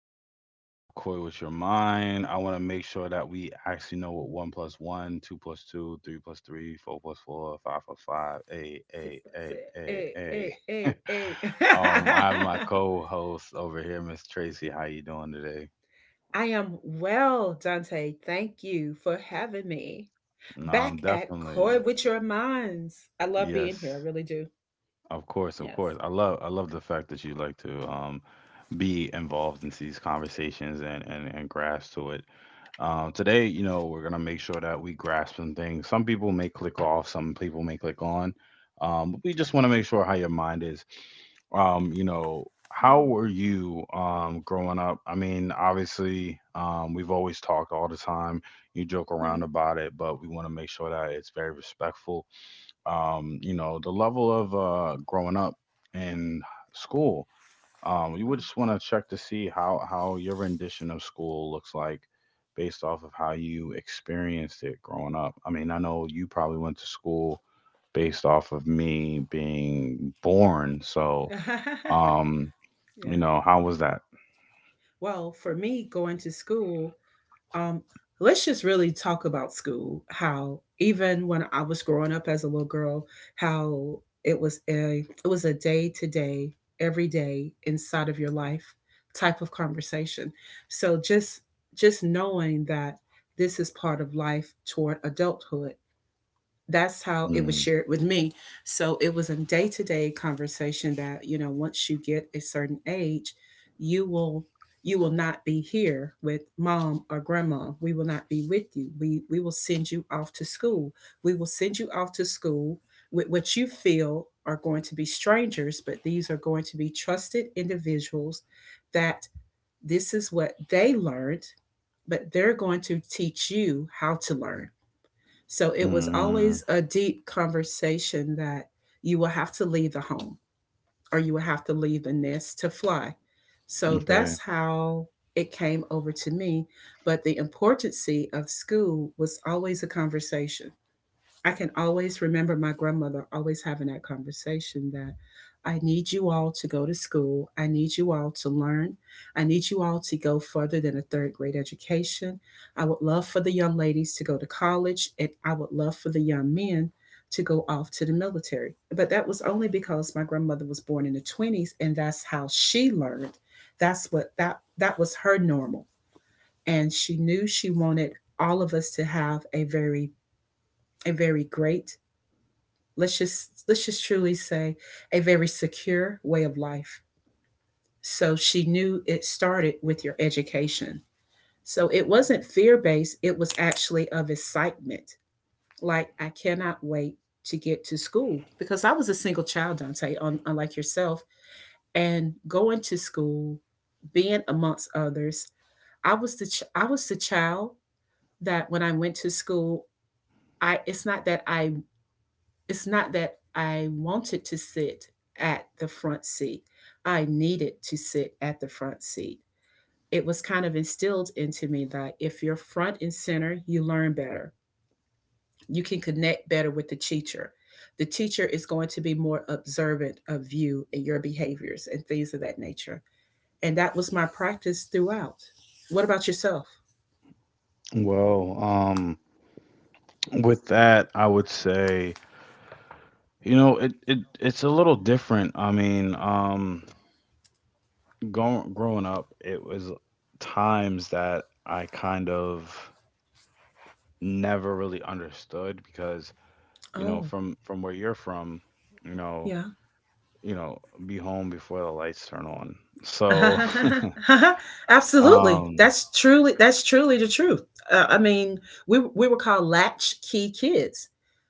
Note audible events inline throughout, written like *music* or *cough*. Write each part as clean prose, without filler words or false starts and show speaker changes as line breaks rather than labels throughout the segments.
rendition of Koi with Your Mind. I want to make sure that we actually know what 1 plus 1, 2 plus 2, 3 plus 3, 4 plus 4, 5 plus 5,
Sis, but say, hey,
A.
hey, hey, hey.
*laughs* I
*laughs*
have my co-host over here, Miss Tracy. How you doing today?
I am well, Dante. Thank you for having me
No, I'm
back at Koi
definitely
with your minds. I love being here.
yes,
I really do.
of course, of
Yes.
course. I love the fact that you like to be involved in these conversations, and grasp to it. Today, you know, we're gonna make sure that we grasp some things. Some people may click off, some people may click on. But we just want to make sure how your mind is. How
Mm,
were you growing up? I mean, obviously, we've always talked all the time. You joke
yeah.
around about it, but we want to make sure that it's very respectful. The level of growing up in school, you would
Wow.
just want to check to see how your rendition of school looks like based off of how you experienced it growing up. I mean, I know you probably went to school based off of me being born, so
*laughs*
um, you
yeah.
know, how was that?
Well, for me, going to school Um, let's just really talk about school. How even when I was growing up as a little girl, how it was a day to day, every day inside of your life type of conversation. So just knowing that this is part of life toward adulthood, that's how it was
Mm.
shared with me. So it was a day to day conversation that, you know, once you get a certain age, you will you will not be here with mom or grandma. We will not be with you. We will send you off to school. We will send you off to school with what you feel are going to be strangers, but these are going to be trusted individuals that this is what they learned, but they're going to teach you how to learn. So it was
Mm.
always a deep conversation that you will have to leave the home or you will have to leave the nest to fly.
Mm.
So
Okay.
that's how it came over to me. But the importance of school was always a conversation. I can always remember my grandmother always having that conversation that I need you all to go to school. I need you all to learn. I need you all to go further than a third grade education. I would love for the young ladies to go to college, and I would love for the young men to go off to the military. But that was only because my grandmother was born in the 20s, and that's how she learned. That's what that was her normal, and she knew she wanted all of us to have a very great, let's just truly say a very secure way of life. So she knew it started with your education. So it wasn't fear based, it was actually of excitement. Like, I cannot wait to get to school, because I was a single child, Dante, unlike yourself. And going to school, being amongst others, I was the child that when I went to school, I it's not that I It's not that I wanted to sit at the front seat. I needed to sit at the front seat. It was kind of instilled into me that if you're front and center, you learn better. You can connect better with the teacher. The teacher is going to be more observant of you and your behaviors and things of that nature. And that was my practice throughout. What about yourself?
Well, with that, I would say, you know, it's a little different. I mean, growing up, it was times that I kind of never really understood because, you
Oh,
know, from where you're from, you know,
yeah.
you know, be home before the lights turn on. So,
*laughs*
*laughs*
Absolutely.
um,
That's truly the truth. I mean, we were called latchkey kids.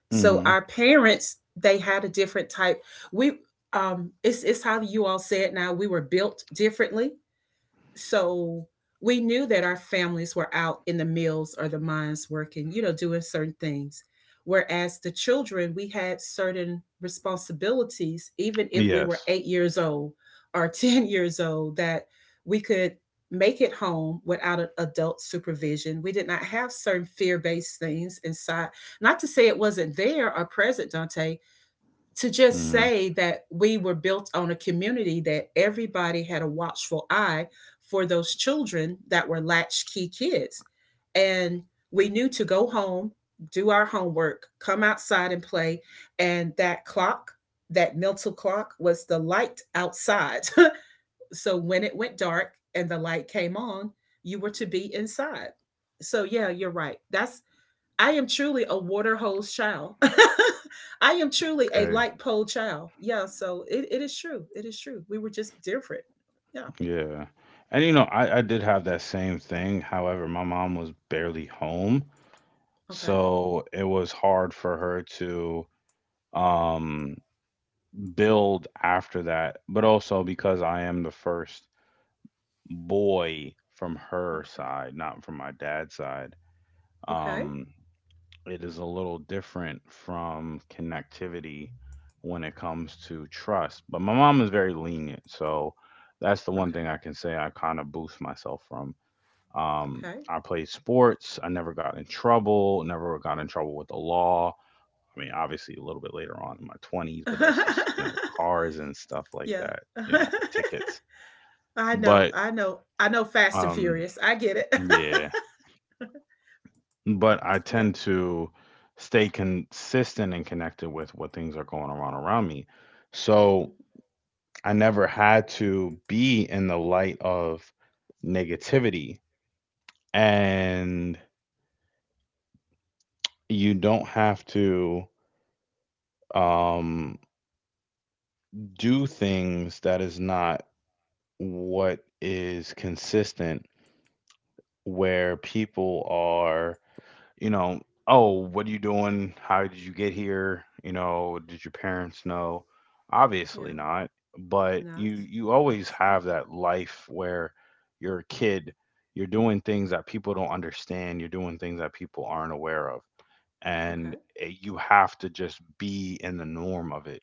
So
hmm
our parents, they had a different type. We it's how you all say it now, we were built differently. So we knew that our families were out in the mills or the mines working, you know, doing certain things. Whereas the children, we had certain responsibilities, even if we were
yes.
8 years old or *laughs* 10 years old, that we could make it home without an adult supervision. We did not have certain fear based things inside. Not to say it wasn't there or present, Dante, to just
hmm
say that we were built on a community that everybody had a watchful eye for those children that were latchkey kids. And we knew to go home, do our homework, come outside and play. And that clock, that mental clock, was the light outside. *laughs* So when it went dark and the light came on, you were to be inside. So yeah, you're right. That's, I am truly a water hose child. *laughs* I am truly a
Okay.
light pole child. Yeah, so it is true. It is true. We were just different. Yeah.
Yeah. And you know, I did have that same thing. However, my mom was barely home,
Okay.
so it was hard for her to um build after that, but also because I am the first boy from her
Okay.
side, not from my dad's side.
Okay.
Um, it is a little different from connectivity when it comes to trust. But my mom is very lenient, so that's the one thing I can say I kind of boost myself from. I played sports. I never got in trouble. Never got in trouble with the law. I mean, obviously a little bit later on in my 20s, but
Okay. Okay.
that's just, you know, cars and stuff
*laughs*
like
yeah.
that,
*laughs*
you know, tickets.
I know.
But
I know. I know fast and
um
furious. I get it.
yeah, but I
*laughs* yeah.
tend to stay consistent and connected with what things are going around me. So, I never had to be in the light of negativity, and you don't have to um do things that is not what is consistent where people are, you know, "Oh, what are you doing? How did you get here? You know, did your parents know?" Obviously
Yeah.
not. But
Not.
you always have
Absolutely.
that life where you're a kid, you're doing things that people don't understand, you're doing things that people aren't aware of. And
Okay.
you have to just be in the norm of it.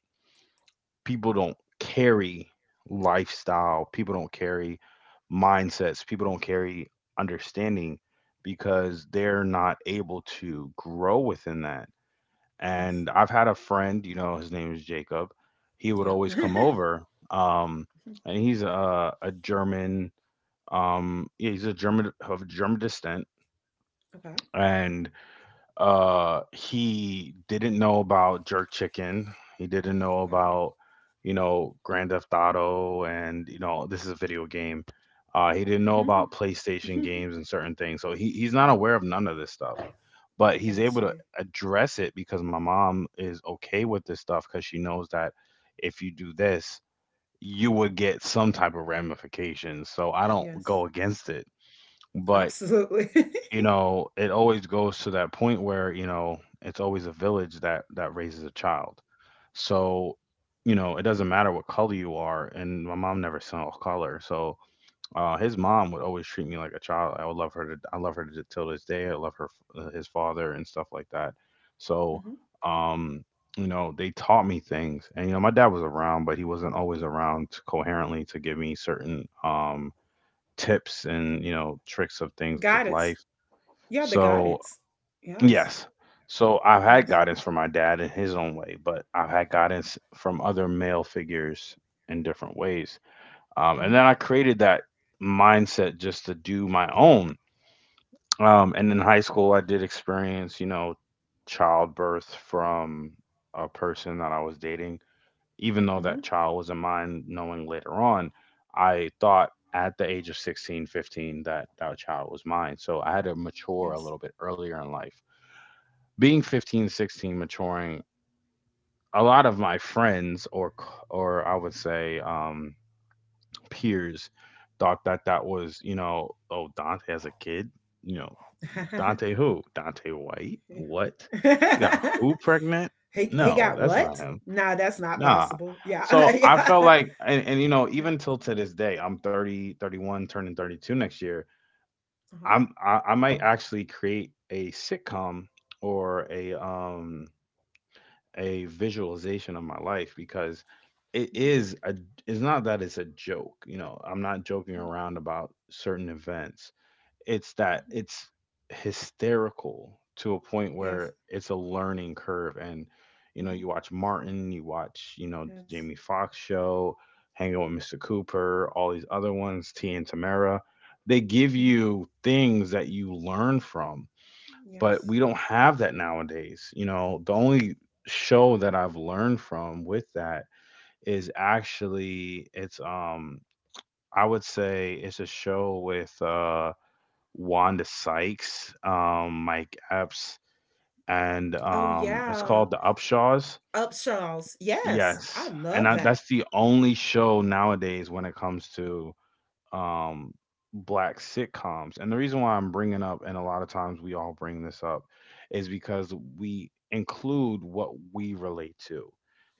People don't carry lifestyle, people don't carry mindsets, people don't carry understanding because they're not able to grow within that.
Yes.
And I've had a friend, you know, his name is Jacob. He would
Yep. *laughs*
always come
okay.
over, um, and he's a German. Yeah, he's a German of German descent, and he didn't know about jerk chicken, he didn't know
Okay.
about, you know, Grand Theft Auto, and you know this is a video game. He didn't know
Mhm.
about PlayStation
Mhm.
games and certain things, so he's not
Mhm.
aware of none of this stuff. But
*laughs*
he's
Got
able to
you.
address it because my mom is okay with this stuff because she knows that if you do this you would get some type of ramifications, so I don't
Yes.
go against it. But
Absolutely.
you
*laughs*
know, it always goes to that point where, you know, it's always a village that raises a child. So, you know, it doesn't matter what color you are, and my mom never saw color. So, his mom would always treat me like a child. I would love her to, I love her to till this day. I love her, his father, and stuff like that. So,
hmm.
um, you know, they taught me things, and you know, my dad was around, but he wasn't always around coherently to give me certain tips and, you know, tricks of things of life.
Guidance. Yeah, the
So.
guidance. Yes.
Yes. So I've had
Yes.
guidance from my dad in his own way, but I've had guidance from other male figures in different ways. And
Hmm.
then I created that mindset just to do my own. And in high school, I did experience, you know, childbirth from a person that I was dating. Even though
Hmm.
that child wasn't mine, knowing later on, I thought at the age of 16, 15 that that child was mine. So I had to mature a
Yes.
little bit earlier in life being 15, 16, maturing, a lot of my friends, or I would say peers, thought that, that was, you know, "Oh, Dante has a kid, you know, Dante who? Dante White?
*laughs*
What? He got who pregnant?
he
No,
got
that's
what?
not him.
Nah, that's not
Nah."
possible. Yeah. *laughs*
So I felt
yeah.
like, and you know,
Yeah.
even till to this day I'm 31 turning 32 next year.
Uh-huh.
I might actually create a sitcom or a visualization of my life because it
Hmm.
is a it's not that it's a joke, you know, I'm not joking
Hmm.
around about certain events. It's that
Hmm.
it's hysterical to a point
Yes.
where it's a learning curve. And you know,
Hmm.
you watch Martin, you watch, you know, The
Yes.
Jamie Foxx Show, hanging Out with Mr. Cooper, all these other ones, T and Tamara, they give
Hmm.
you things that you learn from. But
Yes.
we don't have that nowadays. You know, the only show that I've learned from with that is actually it's I would say it's a show with Wanda Sykes, Mike Epps, and
Oh
it's
yeah.
called The Upshaws.
Upshaws. Yes. I
Yes. And
love
I,
that.
that's the only show nowadays when it comes to, um, black sitcoms. And the reason why I'm bringing up, and a lot of times we all bring this up, is because we include what we relate to.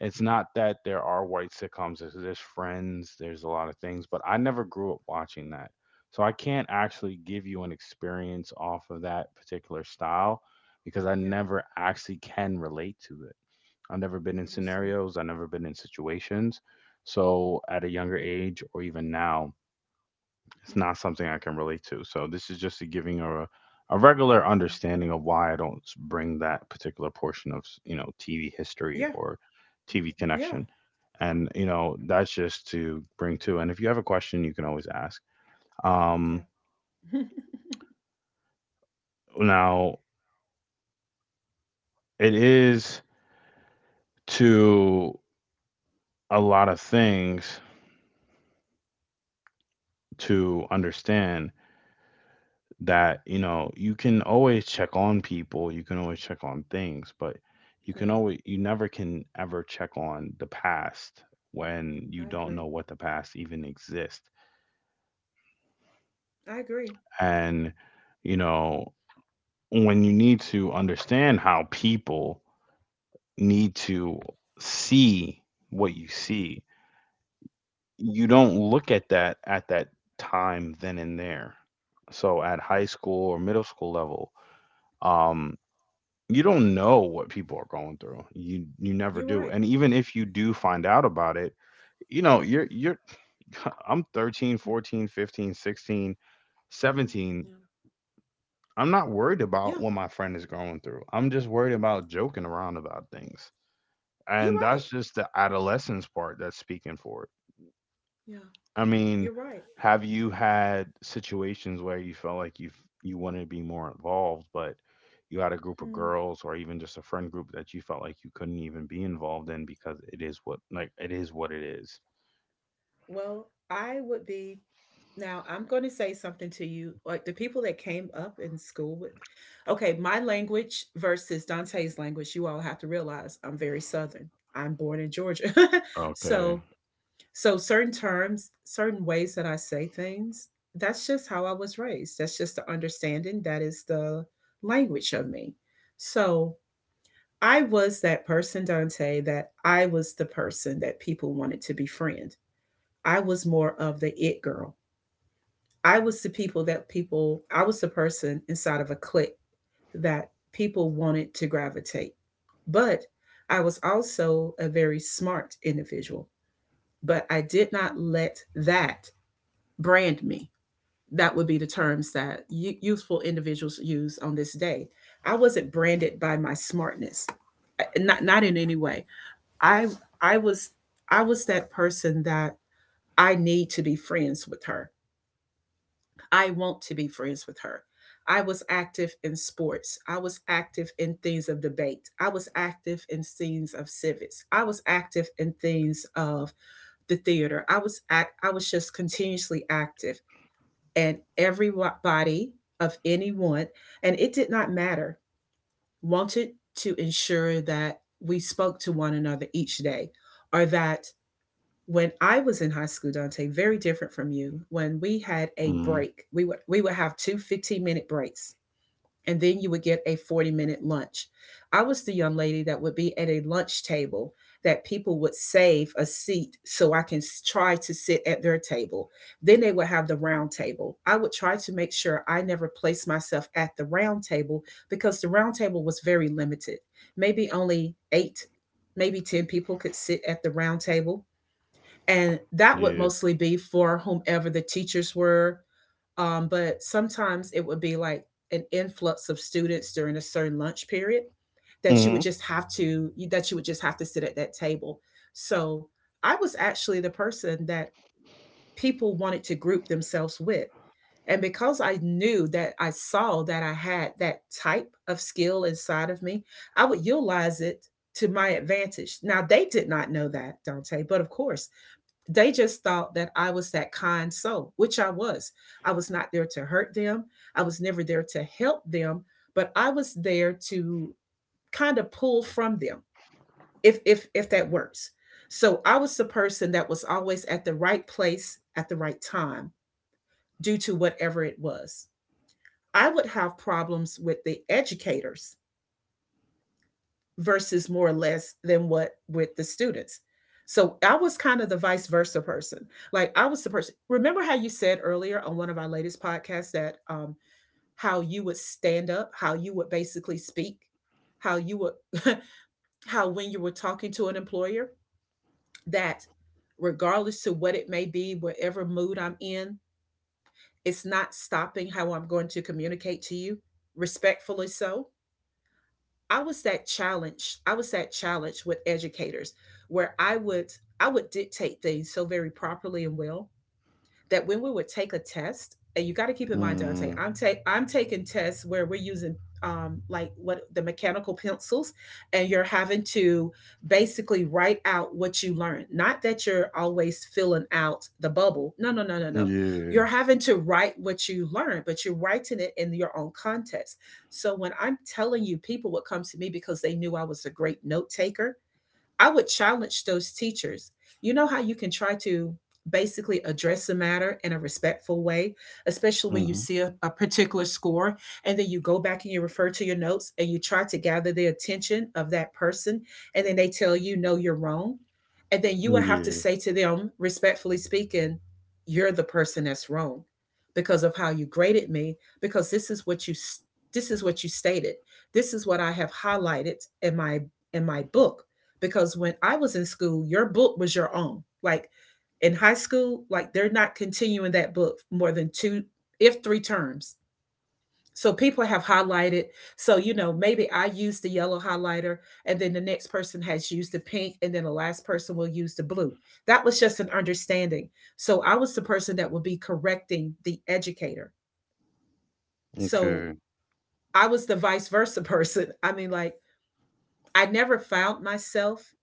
It's not that there are white sitcoms, there's Friends, there's a lot of things, but I never grew up watching that. So I can't actually give you an experience off of that particular style because I
Yeah.
never actually can relate to it. I've never been in
Understood.
scenarios, I've never been in situations. So at a younger age or even now, it's
Hmm.
not something I can relate to. So this is just a giving a regular understanding of why I don't bring that particular portion of you know TV history
Yeah.
or TV
Yeah.
connection, and you know that's just to bring to. And if you have a question, you can always ask. Um,
Yeah. Yeah.
now it is to a lot of things to understand that you know you can always check on people, you can always check on things, but
*laughs* yeah.
you never can ever check on the past when you
I
don't know
agree.
what the past even exists.
I agree.
And you know, when you need to understand how people need to see what you see, you don't look at that time then and there. So at
Yeah.
high school or middle school level, um you don't know what people are going through. You never
You're
do.
right.
And even if you do find out about it, you know, you're *laughs* I'm 13, 14, 15, 16, 17.
Yeah.
I'm not worried about
Yeah.
what my friend is going through. I'm just worried about joking around about things.
You're
And
right.
that's just the adolescence part that's speaking for it.
Yeah.
I mean,
You're right.
have you had situations where you felt like you wanted to be more involved, but you had a group of
Hmm.
girls or even just a friend group that you felt like you couldn't even be involved in because it is what, like, it is what it is.
Well, I would be. Now, I'm going to say something to you. Like the people that came up in school with, okay, my language versus Dante's language, you all have to realize I'm very Southern. I'm born in Georgia. *laughs*
Okay.
so, so certain terms, certain ways that I say things, that's just how I was raised. That's just the understanding. That is the language of me. So, I was that person, Dante, that I was the person that people wanted to befriend. I was more of the it girl. I was the people that people, I was the person inside of a clique that people wanted to gravitate. But I was also a very smart individual, but I did not let that brand me. That would be the terms that youthful individuals use on this day. I wasn't branded by my smartness, eh, not in any way. I I was I was that person that I need to be friends with her. I want to be friends with her. I was active in sports. I was active in things of debate. I was active in things of civics. I was active in things of the theater. I was just continuously active, and everybody of anyone, and it did not matter, wanted to ensure that we spoke to one another each day, or that when I was in high school, Dante, very different from you, when we had a
Mm-hmm.
break, we would have 2 minute breaks, and then you would get a 40-minute lunch. I was the young lady that would be at a lunch table that people would save a seat so I can try to sit at their table. Then they would have the round table. I would try to make sure I never placed myself at the round table because the round table was very limited. Maybe only eight, maybe 10 people could sit at the round table, and that would
Yeah.
mostly be for whomever the teachers were. But sometimes it would be like an influx of students during a certain lunch period that you
Mm-hmm.
would just have to that you would just have to sit at that table. So I was actually the person that people wanted to group themselves with. And because I knew that I saw that I had that type of skill inside of me, I would utilize it to my advantage. Now, they did not know that, Dante, but of course, they just thought that I was that kind soul, which I was. I was not there to hurt them. I was never there to help them, but I was there to kind of pull from them, if if that works. So I was the person that was always at the right place at the right time due to whatever it was. I would have problems with the educators versus more or less than what with the students. So I was kind of the vice versa person. Like I was the person. Remember how you said earlier on one of our latest podcasts that how you would stand up, how you would basically speak, how you would, *laughs* how when you were talking to an employer, that regardless to what it may be, whatever mood I'm in, it's not stopping how I'm going to communicate to you, respectfully so. I was that challenge. I was that challenge with educators where I would dictate things so very properly and well that when we would take a test, and you got to keep in mind, Dante,
Mm.
I'm taking tests where we're using like what the mechanical pencils, and you're having to basically write out what you learned. Not that you're always filling out the bubble. No, no, no, no, no. You're
Yeah.
having to write what you learned, but you're writing it in your own context. So when I'm telling you, people would come to me because they knew I was a great note taker. I would challenge those teachers. You know how you can try to basically address the matter in a respectful way, especially when you
Mm-hmm.
see a particular score, and then you go back and you refer to your notes and you try to gather the attention of that person, and then they tell you, no, you're wrong. And then you would have to
Yeah.
say to them, respectfully speaking, you're the person that's wrong because of how you graded me, because this is what you stated. This is what I have highlighted in my book, because when I was in school, your book was your own. Like in high school, like they're not continuing that book more than two, if three terms. So people have highlighted. So, you know, maybe I use the yellow highlighter, and then the next person has used the pink, and then the last person will use the blue. That was just an understanding. So I was the person that would be correcting the educator. So
Okay.
I was the vice versa *laughs* person. I never found myself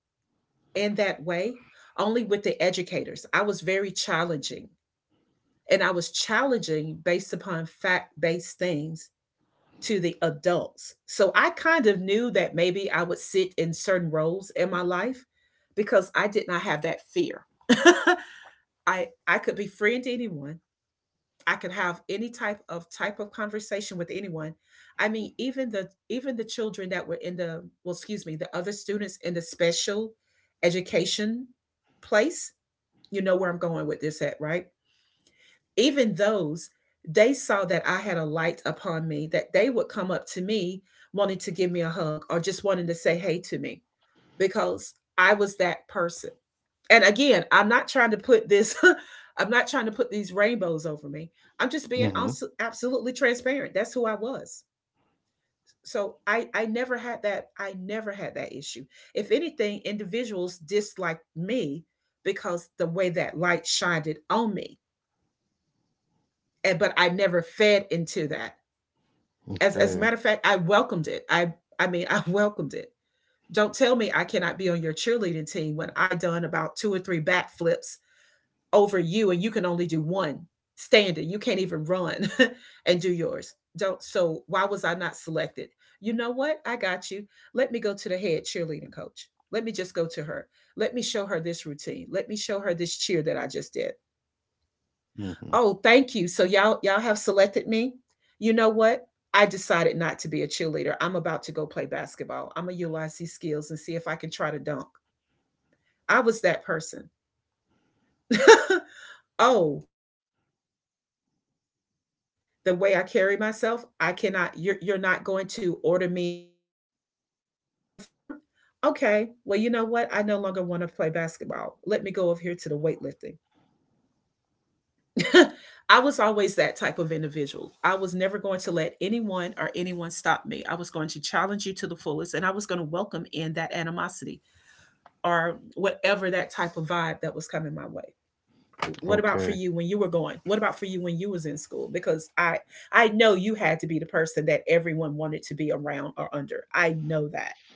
in that way, only with the educators. I was very challenging, and I was challenging based upon fact based things to the adults. So I kind of knew that maybe I would sit in certain roles in my life because I did not have that fear. *laughs* I could befriend anyone. I could have any type of conversation with anyone. I mean, even the children that were in the well, excuse me, the other students in the special education place, you know where I'm going with this at, right? Even those, they saw that I had a light upon me, that they would come up to me wanting to give me a hug or just wanting to say hey to me because I was that person. And again, I'm not trying to put this, *laughs* I'm not trying to put these rainbows over me. I'm just being
Mm-hmm.
absolutely transparent. That's who I was. So I never had that issue. If anything, individuals disliked me because the way that light shined on me and, but I never fed into that. As a
Okay.
matter of fact, I welcomed it. I mean, *laughs* I welcomed it. Don't tell me I cannot be on your cheerleading team when I done about two or three backflips over you and you can only do one standing. You can't even run *laughs* and do yours. Don't so why was I not selected? You know what? I got you. Let me go to the head cheerleading coach. Let me just go to her. Let me show her this routine. Let me show her this cheer that I just did.
Mm-hmm.
Oh, thank you. So y'all have selected me. You know what? I decided not to be a cheerleader. I'm about to go play basketball. I'm gonna utilize these skills and see if I can try to dunk. I was that person. *laughs* Oh, because I have certain curves, the way I carry myself, I cannot. You're not going to order me a certain uniform. Okay. Well, you know what? I no longer want to play basketball. Let me go over here to the weightlifting. *laughs* I was always that type of individual. I was never going to let anyone or anyone stop me. I was going to challenge you to the fullest, and I was going to welcome in that animosity or whatever that type of vibe that was coming my way. What about for
Okay.
you when you were going? What about for you when you was in school? Because I know you had to be the person that everyone wanted to be around or under. I know that.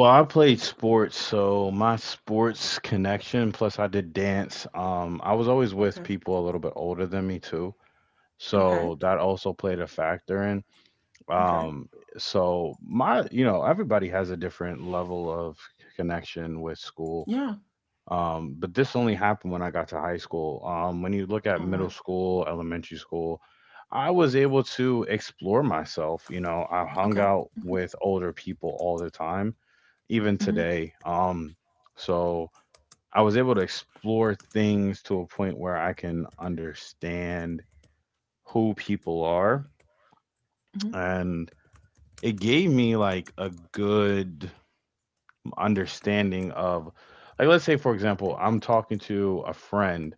*laughs*
I played sports, so my sports connection, plus I did dance. I was always with
Okay.
people a little bit older than me too,
Okay.
so that also played a factor in.
Okay.
Um, so my, you know, everybody has a different level of connection with school.
Yeah.
But this only happened when I got to high school. When you look at
All right.
middle school, elementary school, I was able to explore myself. You know, I hung
Okay.
out with older people all the time even
Mhm.
today. So I was able to explore things to a point where I can understand who people are.
Mhm.
And it gave me like a good understanding of, like, let's say, for example, I'm talking to a friend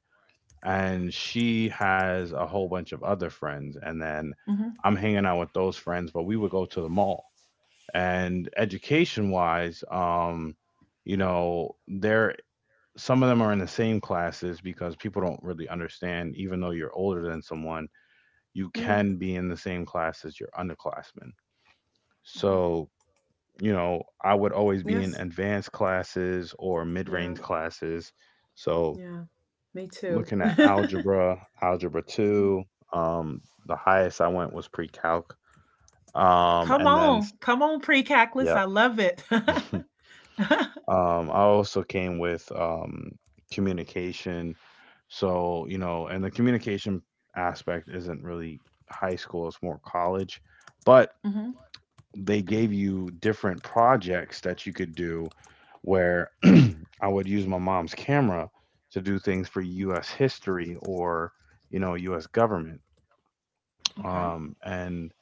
and she has a whole bunch of other friends. And then
Mhm.
I'm hanging out with those friends, but we would go to the mall. And education wise, there some of them are in the same classes because people don't really understand even though you're older than someone you
Yeah.
can be in the same class as your underclassmen
Mhm.
so I would always be in
Yes.
advanced classes or
Yeah.
mid-range classes so
Yeah, me too.
looking
*laughs*
at algebra, algebra
Mhm.
2. um the highest I went was pre-calc. And then
Pre cackless.
Yeah.
I love it. *laughs*
I also came with communication. So, you know, and the communication aspect isn't really high school, it's more college. But
Mhm.
they gave you different projects that you could do where *clears throat* I would use my mom's camera to do things for US history, or US government.
Okay.
And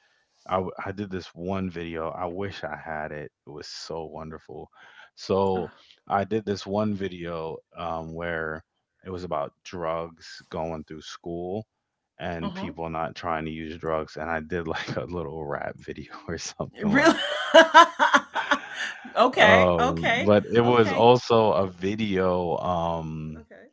I did this one video. I wish I had it. It was so wonderful. So I did this one video, where it was about drugs going through school
Uh
and
huh.
people not trying to use drugs, and I did like *laughs* a little rap video *laughs* or something
Really?
like
*laughs*
that.
Okay. Okay.
But it was
Okay.
also a video. Um,
Okay.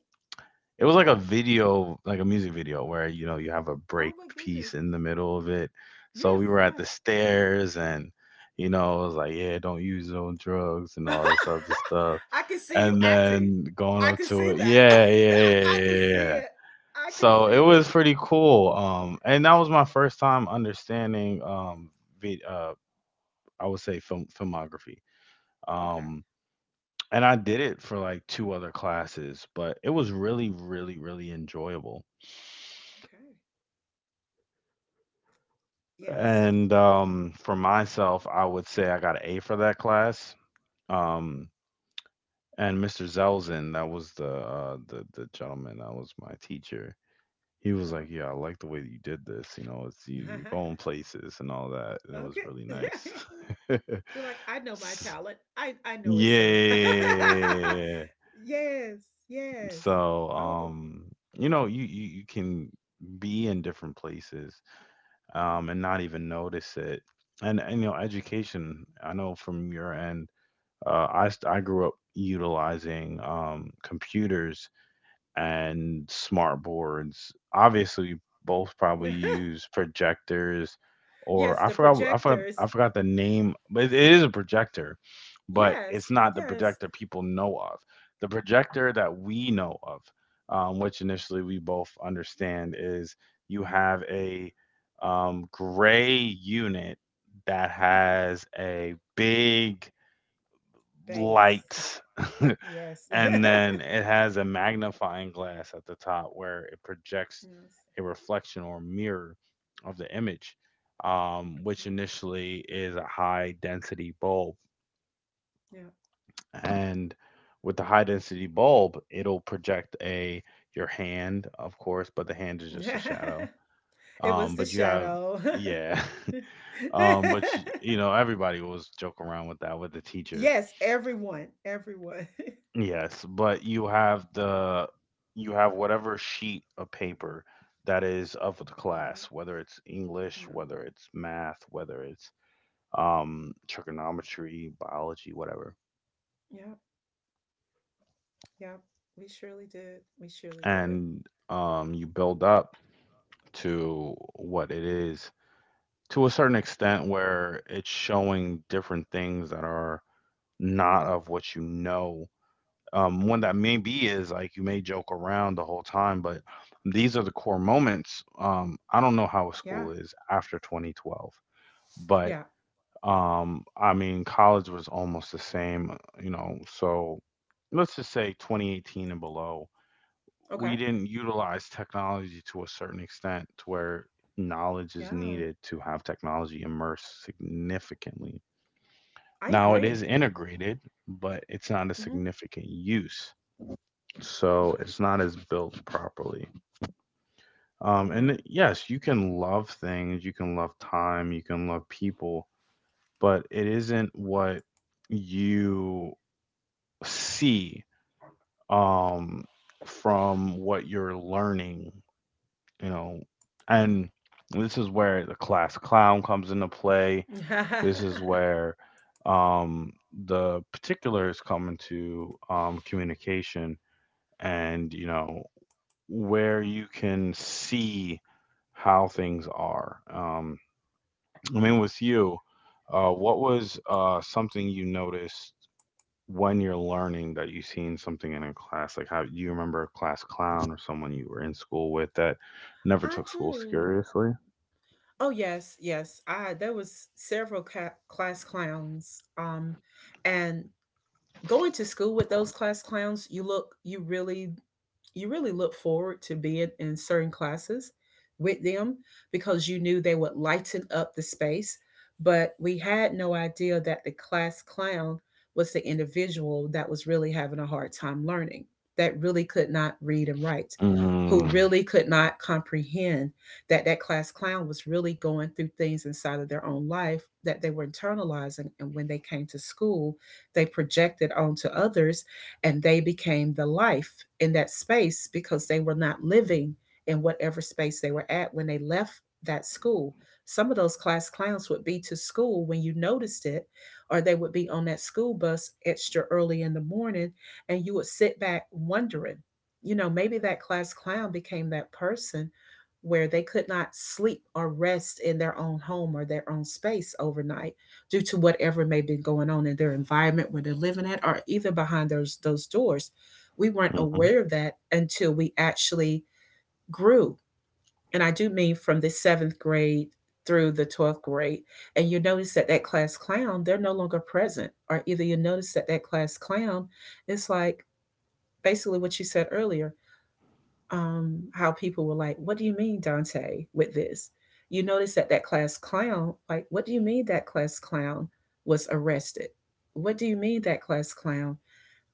it was like a video, like a music video where, you have a
Oh
break
my
piece
goodness.
in the middle of it. So
Yes.
we were at the
Yes.
stairs and, it was like, yeah, don't use no drugs and all this other stuff.
*laughs* I can see you
And
acting.
then going
I
up
can
to
see
it.
that. *laughs*
Yeah, yeah, yeah,
I
yeah,
can
yeah,
see
yeah.
it. I can
So it
see
was
this.
pretty cool. And that was my first time understanding, vid- uh, I would say filmography.
Okay.
Um, and I did it for like two other classes, but it was really, really, really enjoyable.
Okay. Yes.
And for myself, I would say I got an A for that class. Um, and Mr. Zelzin, that was the gentleman that was my teacher. He was like,
Uh
"Yeah, I like the way that you did this. You know, it's you,
huh.
you're going places and all that,
*laughs*
and it was
Okay.
really
*laughs*
nice."
Be
*laughs*
like, I know my
S-
talent. I know it, sir.
yeah.
*laughs* Yes, yes.
So,
Oh,
um, you know, you can be in different places, and not even notice it. And education. I know from your end. I grew up utilizing computers and smart boards. Obviously, both probably use projectors,
*laughs* yes,
or I
the
forgot I forgot
projectors.
I forgot the name, but it is a projector, but
Yes,
it's not the
yes.
projector people know of. The projector that we know of, which initially we both understand, is you have a, gray unit that has a big
*laughs* Bass.
light *laughs*
Yes. *laughs*
and
yes.
then it has a magnifying glass at the top where it projects a reflection or mirror of the image, which initially is a high density bulb,
Mhm.
and with the high density bulb it'll project a, your hand of course, but the hand is just a
Yeah.
shadow.
*laughs* it was the
But you have
shadow.
yeah *laughs* but you,
*laughs*
you know everybody was joking around with that with the teacher.
Yes, everyone, everyone. *laughs*
Yes, but you have the, you have whatever sheet of paper that is of the
Mhm.
class, whether it's English,
Yeah,
whether it's math, whether it's, trigonometry, biology, whatever,
yeah, yeah. We surely did. We surely did.
and you build up to what it is to a certain extent, where it's showing different things that are not of what you know. One
Yeah,
that maybe is like, you may joke around the whole time, but these are the core moments. I don't know how
yeah,
school is after 2012, but,
yeah.
I mean, college was almost the same. So let's just say 2018 and below, we
Okay.
didn't utilize technology to a certain extent to where knowledge is
Yeah.
needed to have technology immerse significantly.
I
Now it
agree.
is integrated, but it's not a
Hmm.
significant use, so
Okay.
it's not as built properly. And yes, you can love things, you can love time, you can love people, but it isn't what you see, um, from what you're learning, you know. And this is where the class clown comes into play.
Yeah. *laughs*
This is where, um, the particulars come into, communication, and where you can see how things are. I mean, with you, what was, something you noticed when you're learning, that you seen something in a class? Like, how do you remember a class clown or someone you were in school with that never
I
took school
do.
seriously?
Oh yes, yes. I There was several class clowns. And going to school with those class clowns, you really look forward to being in certain classes with them because you knew they would lighten up the space. But we had no idea that the class clown was the individual that was really having a hard time learning, that really could not read and write, who
Mm,
really could not comprehend, that class clown was really going through things inside of their own life that they were internalizing. And when they came to school, they projected onto others, and they became the life in that space because they were not living in whatever space they were at when they left that school. Some of those class clowns would be to school when you noticed it, or they would be on that school bus extra early in the morning, and you would sit back wondering, you know, maybe that class clown became that person where they could not sleep or rest in their own home or their own space overnight due to whatever may be going on in their environment where they're living at or even behind those doors. We weren't
mm-hmm,
aware of that until we actually grew. And I do mean from the seventh grade through the 12th grade. And you notice that that class clown, they're no longer present. Or either you notice that that class clown, it's like basically what you said earlier, how people were like, "What do you mean, Dante?" With this, you notice that that class clown, like, "What do you mean that class clown was arrested? What do you mean that class clown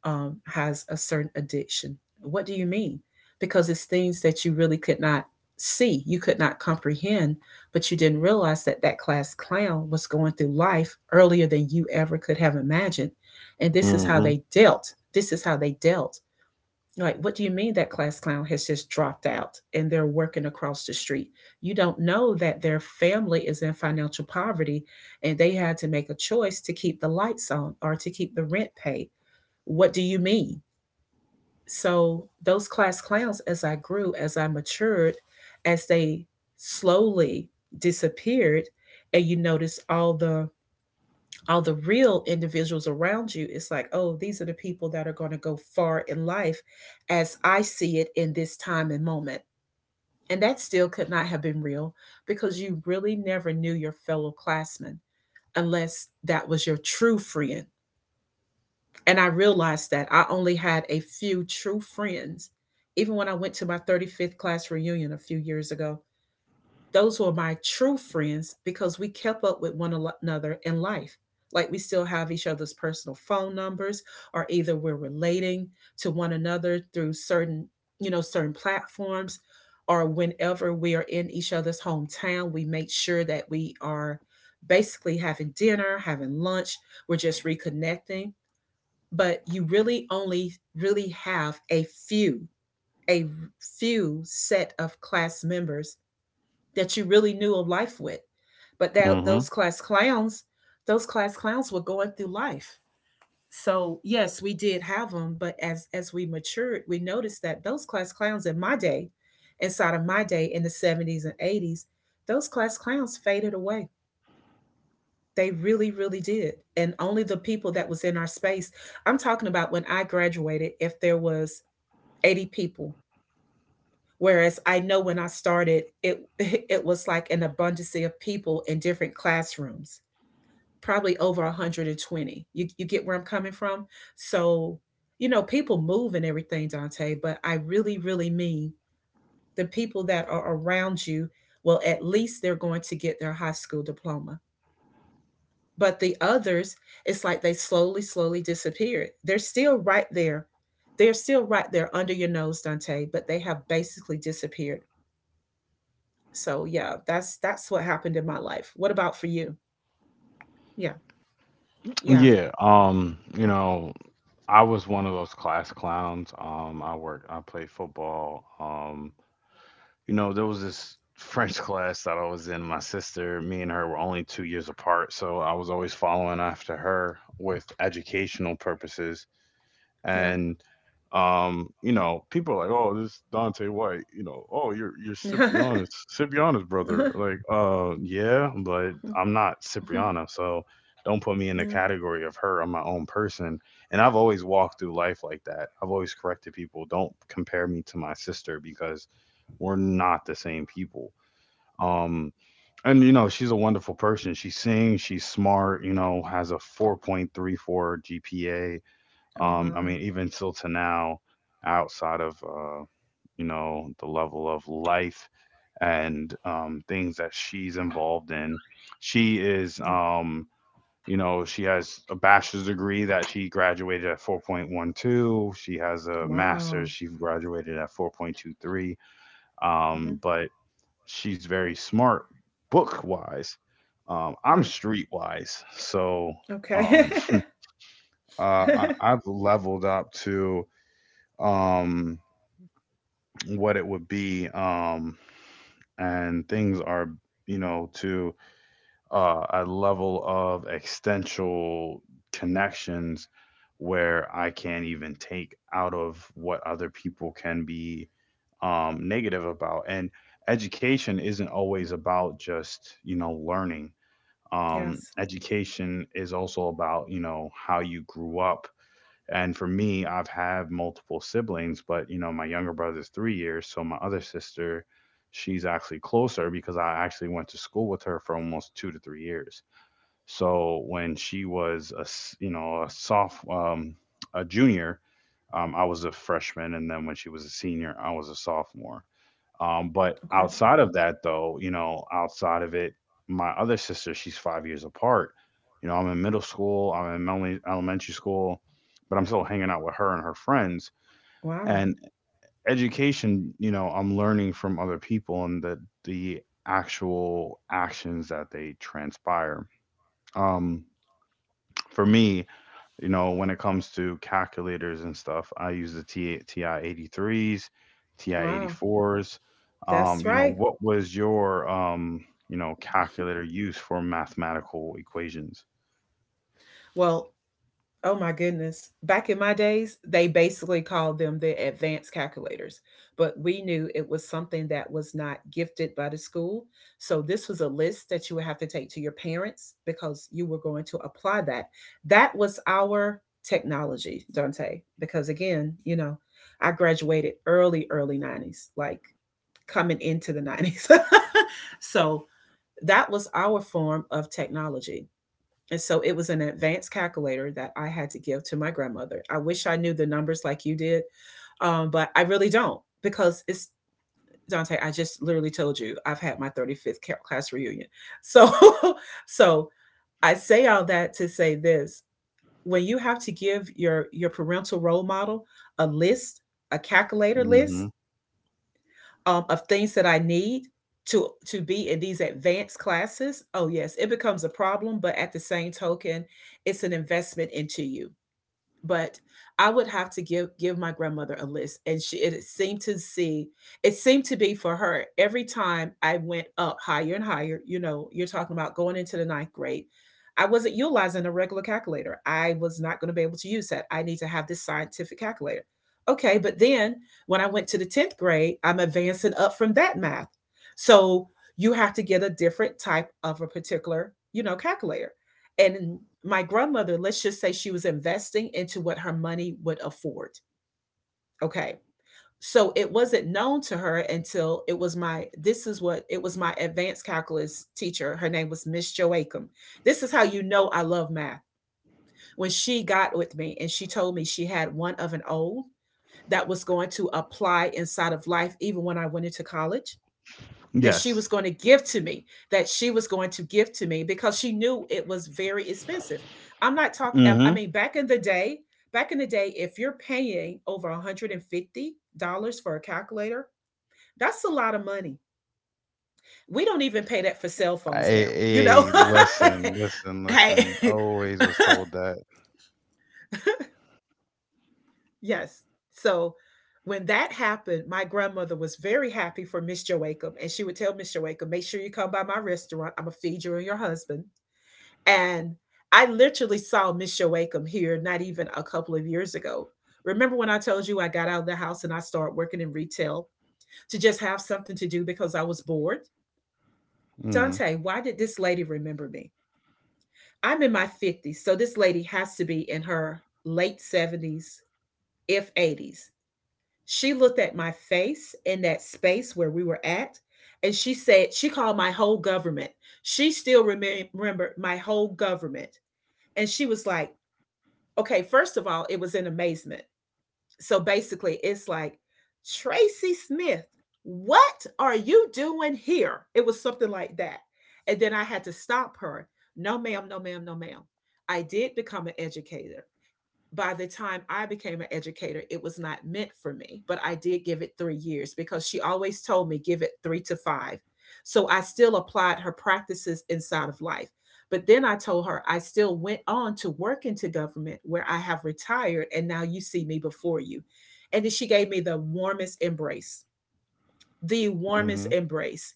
has a certain addiction? What do you mean?" Because it's things that you really could not see, you could not comprehend, but you didn't realize that that class clown was going through life earlier than you ever could have imagined, and this is how
mm-hmm,
they dealt. This is how they dealt, like, what do you mean that class clown has just dropped out and they're working across the street? You don't know that their family is in financial poverty, and they had to make a choice to keep the lights on or to keep the rent paid. What do you mean? So, those class clowns, as I grew, as I matured, as they slowly disappeared, and you notice all the real individuals around you, it's like, oh, these are the people that are going to go far in life as I see it in this time and moment. And that still could not have been real because you really never knew your fellow classmen unless that was your true friend. And I realized that I only had a few true friends. Even when I went to my 35th class reunion a few years ago, those were my true friends because we kept up with one another in life. Like we still have each other's personal phone numbers, or either we're relating to one another through certain, you know, certain platforms, or whenever we are in each other's hometown, we make sure that we are basically having dinner, having lunch, we're just reconnecting. But you really only really have a few set of class members that you really knew of life with. But that
mm-hmm.
those class clowns were going through life. So yes, we did have them, but as we matured, we noticed that those class clowns in my day, inside of my day in the 70s and 80s, those class clowns faded away. They really, really did. And only the people that was in our space. I'm talking about when I graduated, if there was 80 people. Whereas I know when I started, it *laughs* it was like an abundance of people in different classrooms, probably over 120. You get where I'm coming from? So, you know, people move and everything, Dante, but I really, really mean the people that are around you, well, at least they're going to get their high school diploma. But the others, it's like they slowly, slowly disappeared. They're still right there. They're still right there under your nose, Dante, but they have basically disappeared. So yeah, that's what happened in my life. What about for you? Yeah, yeah,
Yeah. I was one of those class clowns. I work. I play football. There was this *laughs* French class that I was in. My sister, me and her were only 2 years apart, so I was always following after her with educational purposes.
yeah.
and People are like, oh, this Dante White, you know, oh, you're Ciprianus,
*laughs*
Ciprianus brother.
Uh-huh,
Like, yeah, but
mhm,
I'm not
mhm,
Cipriana, so don't put me in the
yeah.
category of her. I'm my own person, and I've always walked through life like that. I've always corrected people. Don't compare me to my sister, because we're not the same people. Um, she's a wonderful person. She sings, she's smart, has a 4.34 GPA.
Oh
I
wow.
mean, even till to now, outside of, the level of life, and things that she's involved in, she is,
Yeah.
she has a bachelor's degree that she graduated at 4.12. She has a
Wow.
master's, she graduated at 4.23. Um,
Hmm.
but she's very smart book wise. I'm
Yeah.
street wise, so,
Okay.
um, uh, I,
*laughs*
I've leveled up to um what it would be, and things are, to, a level of existential connections, where I can't even take out of what other people can be negative about. And education isn't always about just learning.
Yes.
Education is also about how you grew up. And for me, I've had multiple siblings but you know my younger brother's 3 years, so my other sister, she's actually closer, because I actually went to school with her for almost 2 to 3 years. So when she was a s- you know a soft a junior, I was a freshman, and then when she was a senior I was a sophomore. But
Okay.
outside of that, though, outside of it, my other sister, she's 5 years apart. I'm in middle school, I'm in elementary school, but I'm still hanging out with her and her friends.
Wow.
And education, I'm learning from other people and the actual actions that they transpire. Um, for me, when it comes to calculators and stuff, I use the TI-83s,
Wow.
TI-84s.
That's right.
What was your calculator used for mathematical equations?
Well, oh my goodness. Back in my days, they basically called them the advanced calculators, but we knew it was something that was not gifted by the school. So this was a list that you would have to take to your parents because you were going to apply that. That was our technology, Dante, because again, I graduated early, early 90s, like coming into the 90s. *laughs* So that was our form of technology. And so it was an advanced calculator that I had to give to my grandmother. I wish I knew the numbers like you did, but I really don't because it's Dante. I just literally told you I've had my 35th class reunion. So, *laughs* so I say all that to say this: when you have to give your parental role model a list, a calculator
Mm-hmm.
list, of things that I need to be in these advanced classes, oh yes, it becomes a problem, but at the same token, it's an investment into you. But I would have to give my grandmother a list, and she it seemed to see it seemed to be for her every time I went up higher and higher. You know, you're talking about going into the ninth grade. I wasn't utilizing a regular calculator. I was not going to be able to use that. I need to have this scientific calculator. Okay, but then when I went to the 10th grade, I'm advancing up from that math. So you have to get a different type of a particular, you know, calculator. And my grandmother, let's just say, she was investing into what her money would afford. Okay. So it wasn't known to her until it was my this is what it was, my advanced calculus teacher. Her name was Miss Joachim. This is how you know I love math. When she got with me, and she told me she had one of an O that was going to apply inside of life, even when I went into college, that she
Yes.
was going to give to me, that she was going to give to me, because she knew it was very expensive. I'm not talking, I
Mm-hmm.
mean, back in the day, back in the day, if you're paying over $150 for a calculator, that's a lot of money. We don't even pay that for cell phones now, you know?
I, Listen, listen,
*laughs* Hey,
listen. I
*laughs*
always was told that.
yes. So when that happened, my grandmother was very happy for Miss Joachim, and she would tell Miss Joachim, make sure you come by my restaurant. I'm going to feed you and your husband. And I literally saw Miss Shoakum here not even a couple of years ago. Remember when I told you I got out of the house and I started working in retail to just have something to do because I was bored?
Mm-hmm.
Dante, why did this lady remember me? I'm in my 50s, so this lady has to be in her late 70s, if 80s. She looked at my face in that space where we were at, and she said, she called my whole government. She still remembered my whole government. And she was like, okay, first of all, it was in amazement. So basically, it's like, Tracy Smith, what are you doing here? It was something like that. And then I had to stop her. No, ma'am, no, ma'am, no, ma'am. I did become an educator. By the time I became an educator, it was not meant for me, but I did give it 3 years because she always told me give it three to five. So I still applied her practices inside of life. But then I told her I still went on to work into government, where I have retired, and now you see me before you. And then she gave me the warmest embrace, the warmest
Mm-hmm.
embrace.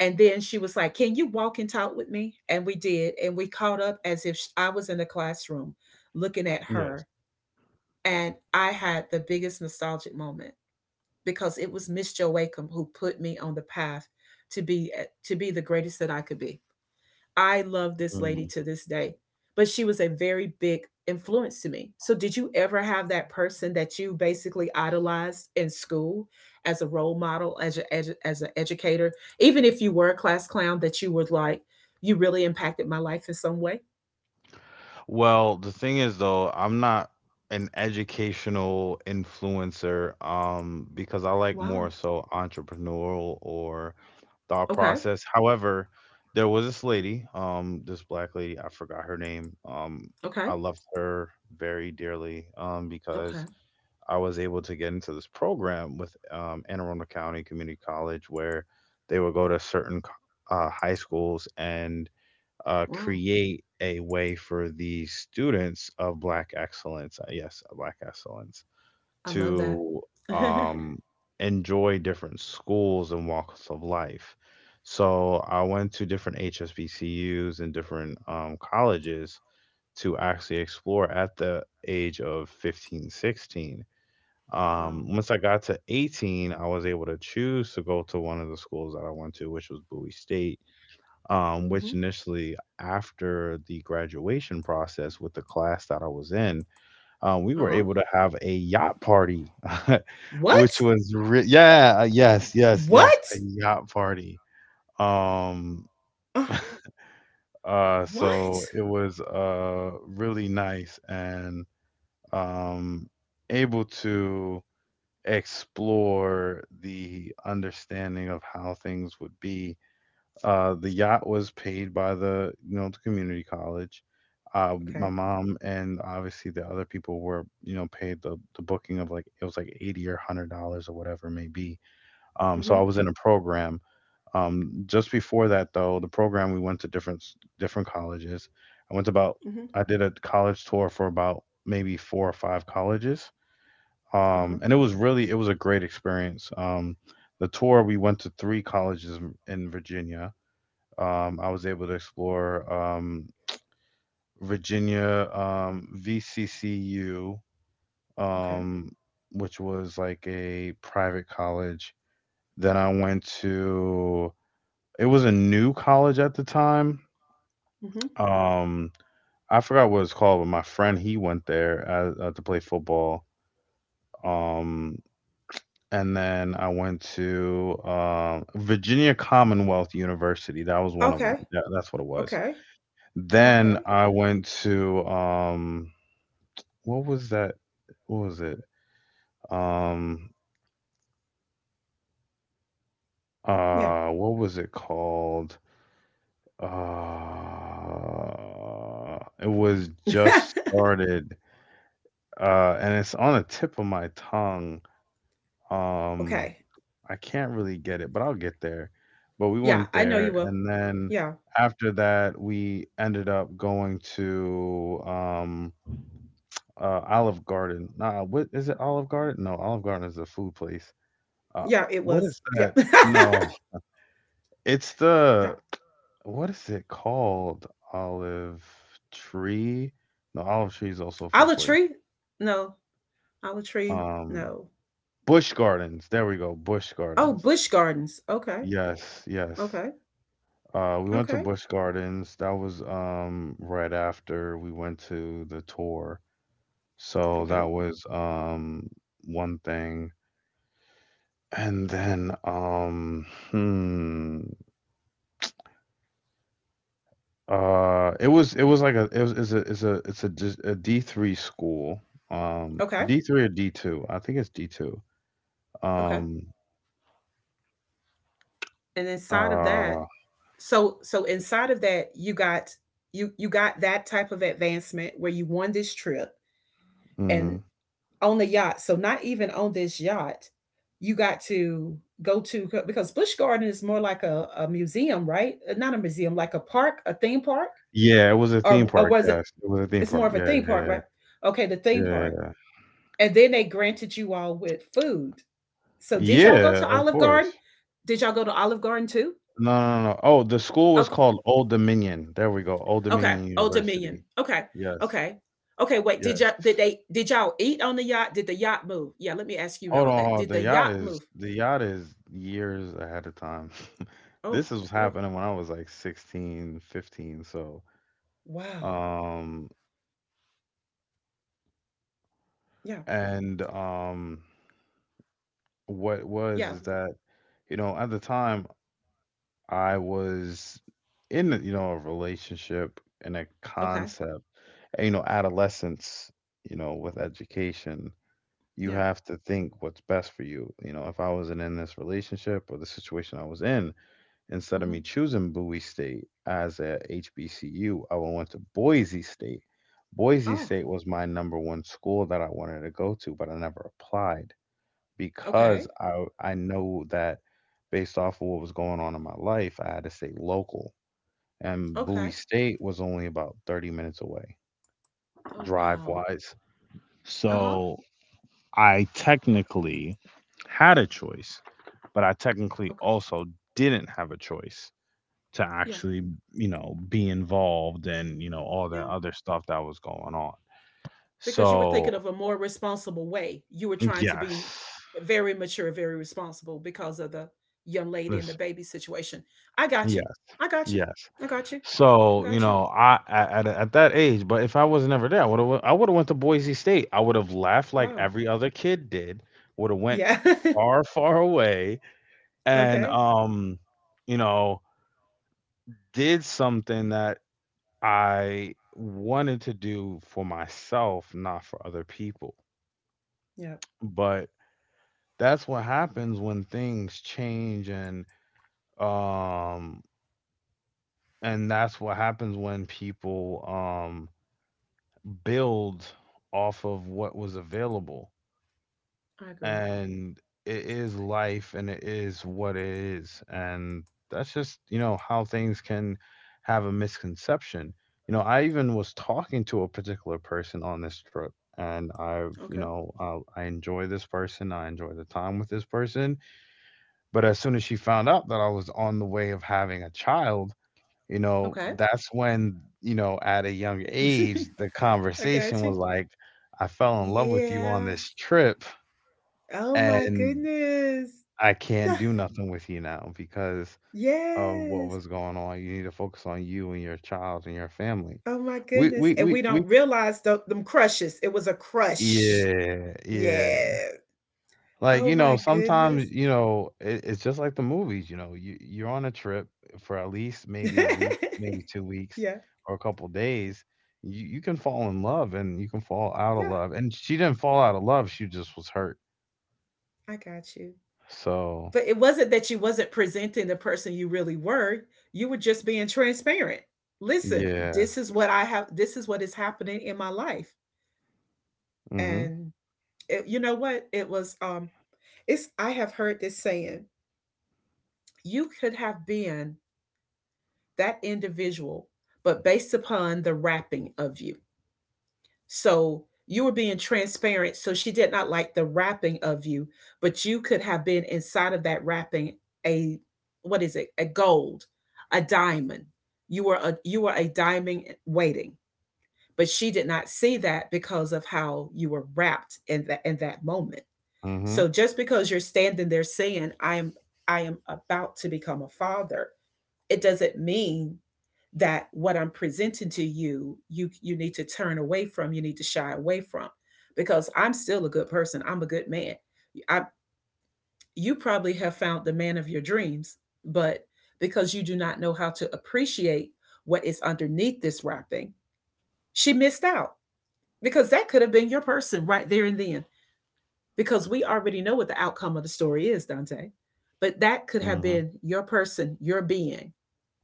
And then she was like, can you walk and talk with me? And we did. And we caught up as if I was in the classroom looking at
Yes.
her, and I had the biggest nostalgic moment because it was Miss Jo Wacom who put me on the path to be to be the greatest that I could be. I love this lady to this day, but she was a very big influence to me. So did you ever have that person that you basically idolized in school as a role model, as an educator, even if you were a class clown, that you were like, you really impacted my life in some way?
Well, the thing is though, I'm not an educational influencer, because I like
Wow.
more so entrepreneurial or thought
Okay.
process. However, there was this lady, this black lady, I forgot her name.
Okay.
I loved her very dearly,
Okay.
because I was able to get into this program with, Anne Arundel County Community College, where they would go to certain high schools and,
Wow.
create a way for the students of Black excellence, yes, Black excellence,
I love that.
to,
*laughs*
um, enjoy different schools and walks of life. So I went to different HSBCUs and different, colleges to actually explore at the age of 15, 16.
Wow.
Once I got to 18, I was able to choose to go to one of the schools that I went to, which was Bowie State,
Mm-hmm.
which initially after the graduation process with the class that I was in, we
Uh
were
huh.
able to have a yacht party, *laughs* which
What?
was yeah, yes, yes, yes, a
What?
yacht party. Um,
Uh,
so
what?
it was really nice and um able to explore the understanding of how things would be. The yacht was paid by the community college. My
Okay.
mom and obviously the other people were, paid the booking of, like it was like 80 or $100 or whatever it may be. So
Mm-hmm.
I was in a program. Just before that though, the program, we went to different colleges. I went to about,
Mm-hmm.
I did a college tour for about maybe four or five colleges.
Uh huh.
And it was really, it was a great experience. The tour, we went to three colleges in Virginia. I was able to explore, Virginia, VCCU,
Okay.
um, which was like a private college. Then I went to, it was a new college at the time.
Mm-hmm.
Um, I forgot what it's called, but my friend, he went there to play football. Um, and then I went to Virginia Commonwealth University. That was one of them.
Okay.
Yeah, that's what it was.
Okay. Okay.
Then I went to what was that? What was it? Um
Yeah.
what was it called? It was
*laughs*
just started and it's on the tip of my tongue. Um
Okay.
I can't really get it, but I'll get there. But we
Yeah.
went
I know
there
you will.
and then
Yeah.
after that we ended up going to Olive Garden. Nah, what is it, Olive Garden? No, Olive Garden is a food place. Uh,
Yeah. It
what
was.
is
Yeah.
that? No,
*laughs*
it's
Yeah.
the, what is it called? Olive Tree? No, Olive Tree is also a food
Olive
place.
tree? No. Olive tree?
Um,
No.
Bush Gardens. There we go. Bush
Oh,
Gardens.
bush gardens. Okay.
Yes, yes.
Okay.
We went to
Okay.
Bush Gardens. That was right after we went to the tour. So
Okay.
that was one thing. And then, it was like a it was it's a it's a it's a dis- a D3 school,
Okay.
D3 or D2, I think it's D2.
Okay.
Um,
And inside of that,
uh,
so inside of that you got you you got that type of advancement where you won this trip, and
mhm.
on the yacht, so not even on this yacht you got to go to, because Busch garden is more like a museum, right? Not a museum, like a park, a theme park.
Yeah, it was a theme
Or
park.
was it,
Yes, it was a theme
it's more
park.
of a theme park,
Yeah,
right? Okay, the
yeah,
theme park,
yeah.
and then they granted you all with food. So did y'all go
Yeah,
to
of
Olive Garden?
course.
Did y'all go to Olive Garden too?
No, no, no, no. Oh, the school was
Okay.
called Old Dominion. There we go, Old
Okay.
Dominion
Old Dominion.
University.
Okay.
Yes,
Okay. Okay. Wait. Did
yes.
y'all did they did y'all eat on the yacht? Did the yacht move? Yeah. Let me ask you
Hold
all
on,
that.
hold on.
Did
the
the
yacht
yacht
is
move?
the yacht is years ahead of time. *laughs*
Oh.
This is
Oh.
happening when I was like 16, 15. So
Wow.
um
Yeah.
and what was
Yeah.
is that, you know, at the time I was in, you know, a relationship and a
Okay.
concept, and, you know, adolescence, you know, with education, you
Yeah.
have to think what's best for you. You know, if I wasn't in this relationship or the situation I was in, instead of me
Hmm.
choosing Bowie State as a HBCU, I would went to Boise State. Boise
Oh.
State was my number one school that I wanted to go to, but I never applied
Okay.
because I know that based off of what was going on in my life, I had to stay local. And Bowie
Okay.
State was only about 30 minutes away,
Oh
drive
wow.
wise.
Uh huh.
So I technically had a choice, but I technically
Okay.
also didn't have a choice to
Yeah.
actually, you know, be involved and, you know, all the
Yeah.
other stuff that was going on.
Because you were thinking
So,
of a more responsible way. You were trying to be
yes.
very mature, very responsible because of the young lady and the
Listen,
baby situation. I got you.
yes,
I got you.
yes.
I got you. I
So, you
got you.
know, I at that age, but if I was never there, I would have, I would have went to Boise State. I would have left like
Wow.
every other kid did. Would have went
Yeah. *laughs*
far, far away and
Okay.
you know, did something that I wanted to do for myself, not for other people.
Yeah.
But that's what happens when things change, um and that's what happens when people build off of what was available,
I agree.
and it is life and it is what it is, and that's just, you know, how things can have a misconception. You know, I even was talking to a particular person on this trip, and I've you
Okay.
know, I enjoy this person, I enjoy the time with this person. But as soon as she found out that I was on the way of having a child, you know,
Okay.
that's when, you know, at a young age, the
*laughs* I
conversation
got you.
was like, I fell in love with you on
Yeah.
this trip
Oh my
and
goodness.
I
*laughs*
can't do nothing with you now because of what
Yes.
was going on. You need to focus on you and your child and your family.
Oh my
We
goodness.
we
And
we
we don't
we
realize them crushes. It was a crush.
yeah,
Yeah.
yeah. Like,
Oh
you know,
my
sometimes,
goodness.
you know, it's just like the movies. You know, you're on a trip for at least
*laughs*
maybe
Yeah.
a week, maybe 2 weeks
Yeah.
or a couple days. You can fall in love and you can fall out of
Yeah.
love. And she didn't fall out of love. She just was hurt.
I got you.
So,
But it wasn't that you wasn't presenting the person you really were. You were just being transparent. Listen, this
yes.
is what I have. This is what is happening in my life.
Mm-hmm.
And it, you know what? It was. It's. I have heard this saying. You could have been that individual, but based upon the wrapping of you. So you were being transparent. So she did not like the wrapping of you, but you could have been inside of that wrapping, a, what is it? A gold, a diamond. You were a diamond waiting, but she did not see that because of how you were wrapped in that moment.
Mm-hmm.
So just because you're standing there saying, I am about to become a father, it doesn't mean that what I'm presenting to you, you need to turn away from, you need to shy away from, because I'm still a good person. I'm a good man. I You probably have found the man of your dreams, but because you do not know how to appreciate what is underneath this wrapping, she missed out, because that could have been your person right there and then. Because we already know what the outcome of the story is, Dante. But that could have
Mm-hmm.
been your person, your being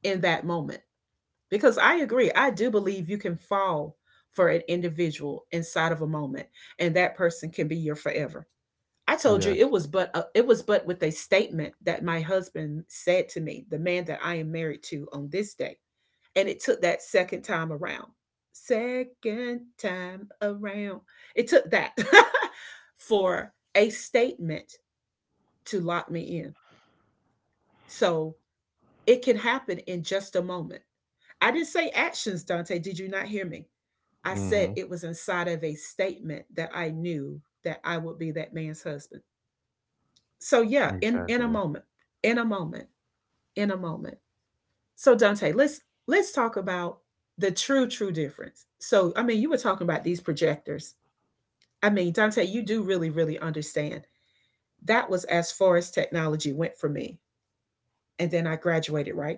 in that moment. Because I agree, I do believe you can fall for an individual inside of a moment, and that person can be your forever. I told you
Yes.
it was but with a statement that my husband said to me, the man that I am married to on this day, and it took that second time around. Second time around, it took that *laughs* for a statement to lock me in. So it can happen in just a moment. I didn't say actions, Dante. Did you not hear me? I said
Mm-hmm.
it was inside of a statement that I knew that I would be that man's husband. So yeah, in a
Exactly.
moment, in a moment, in a moment. So Dante, let's talk about the true true difference. So I mean, you were talking about these projectors. I mean, Dante, you do really really understand. That was as far as technology went for me, and then I graduated, right?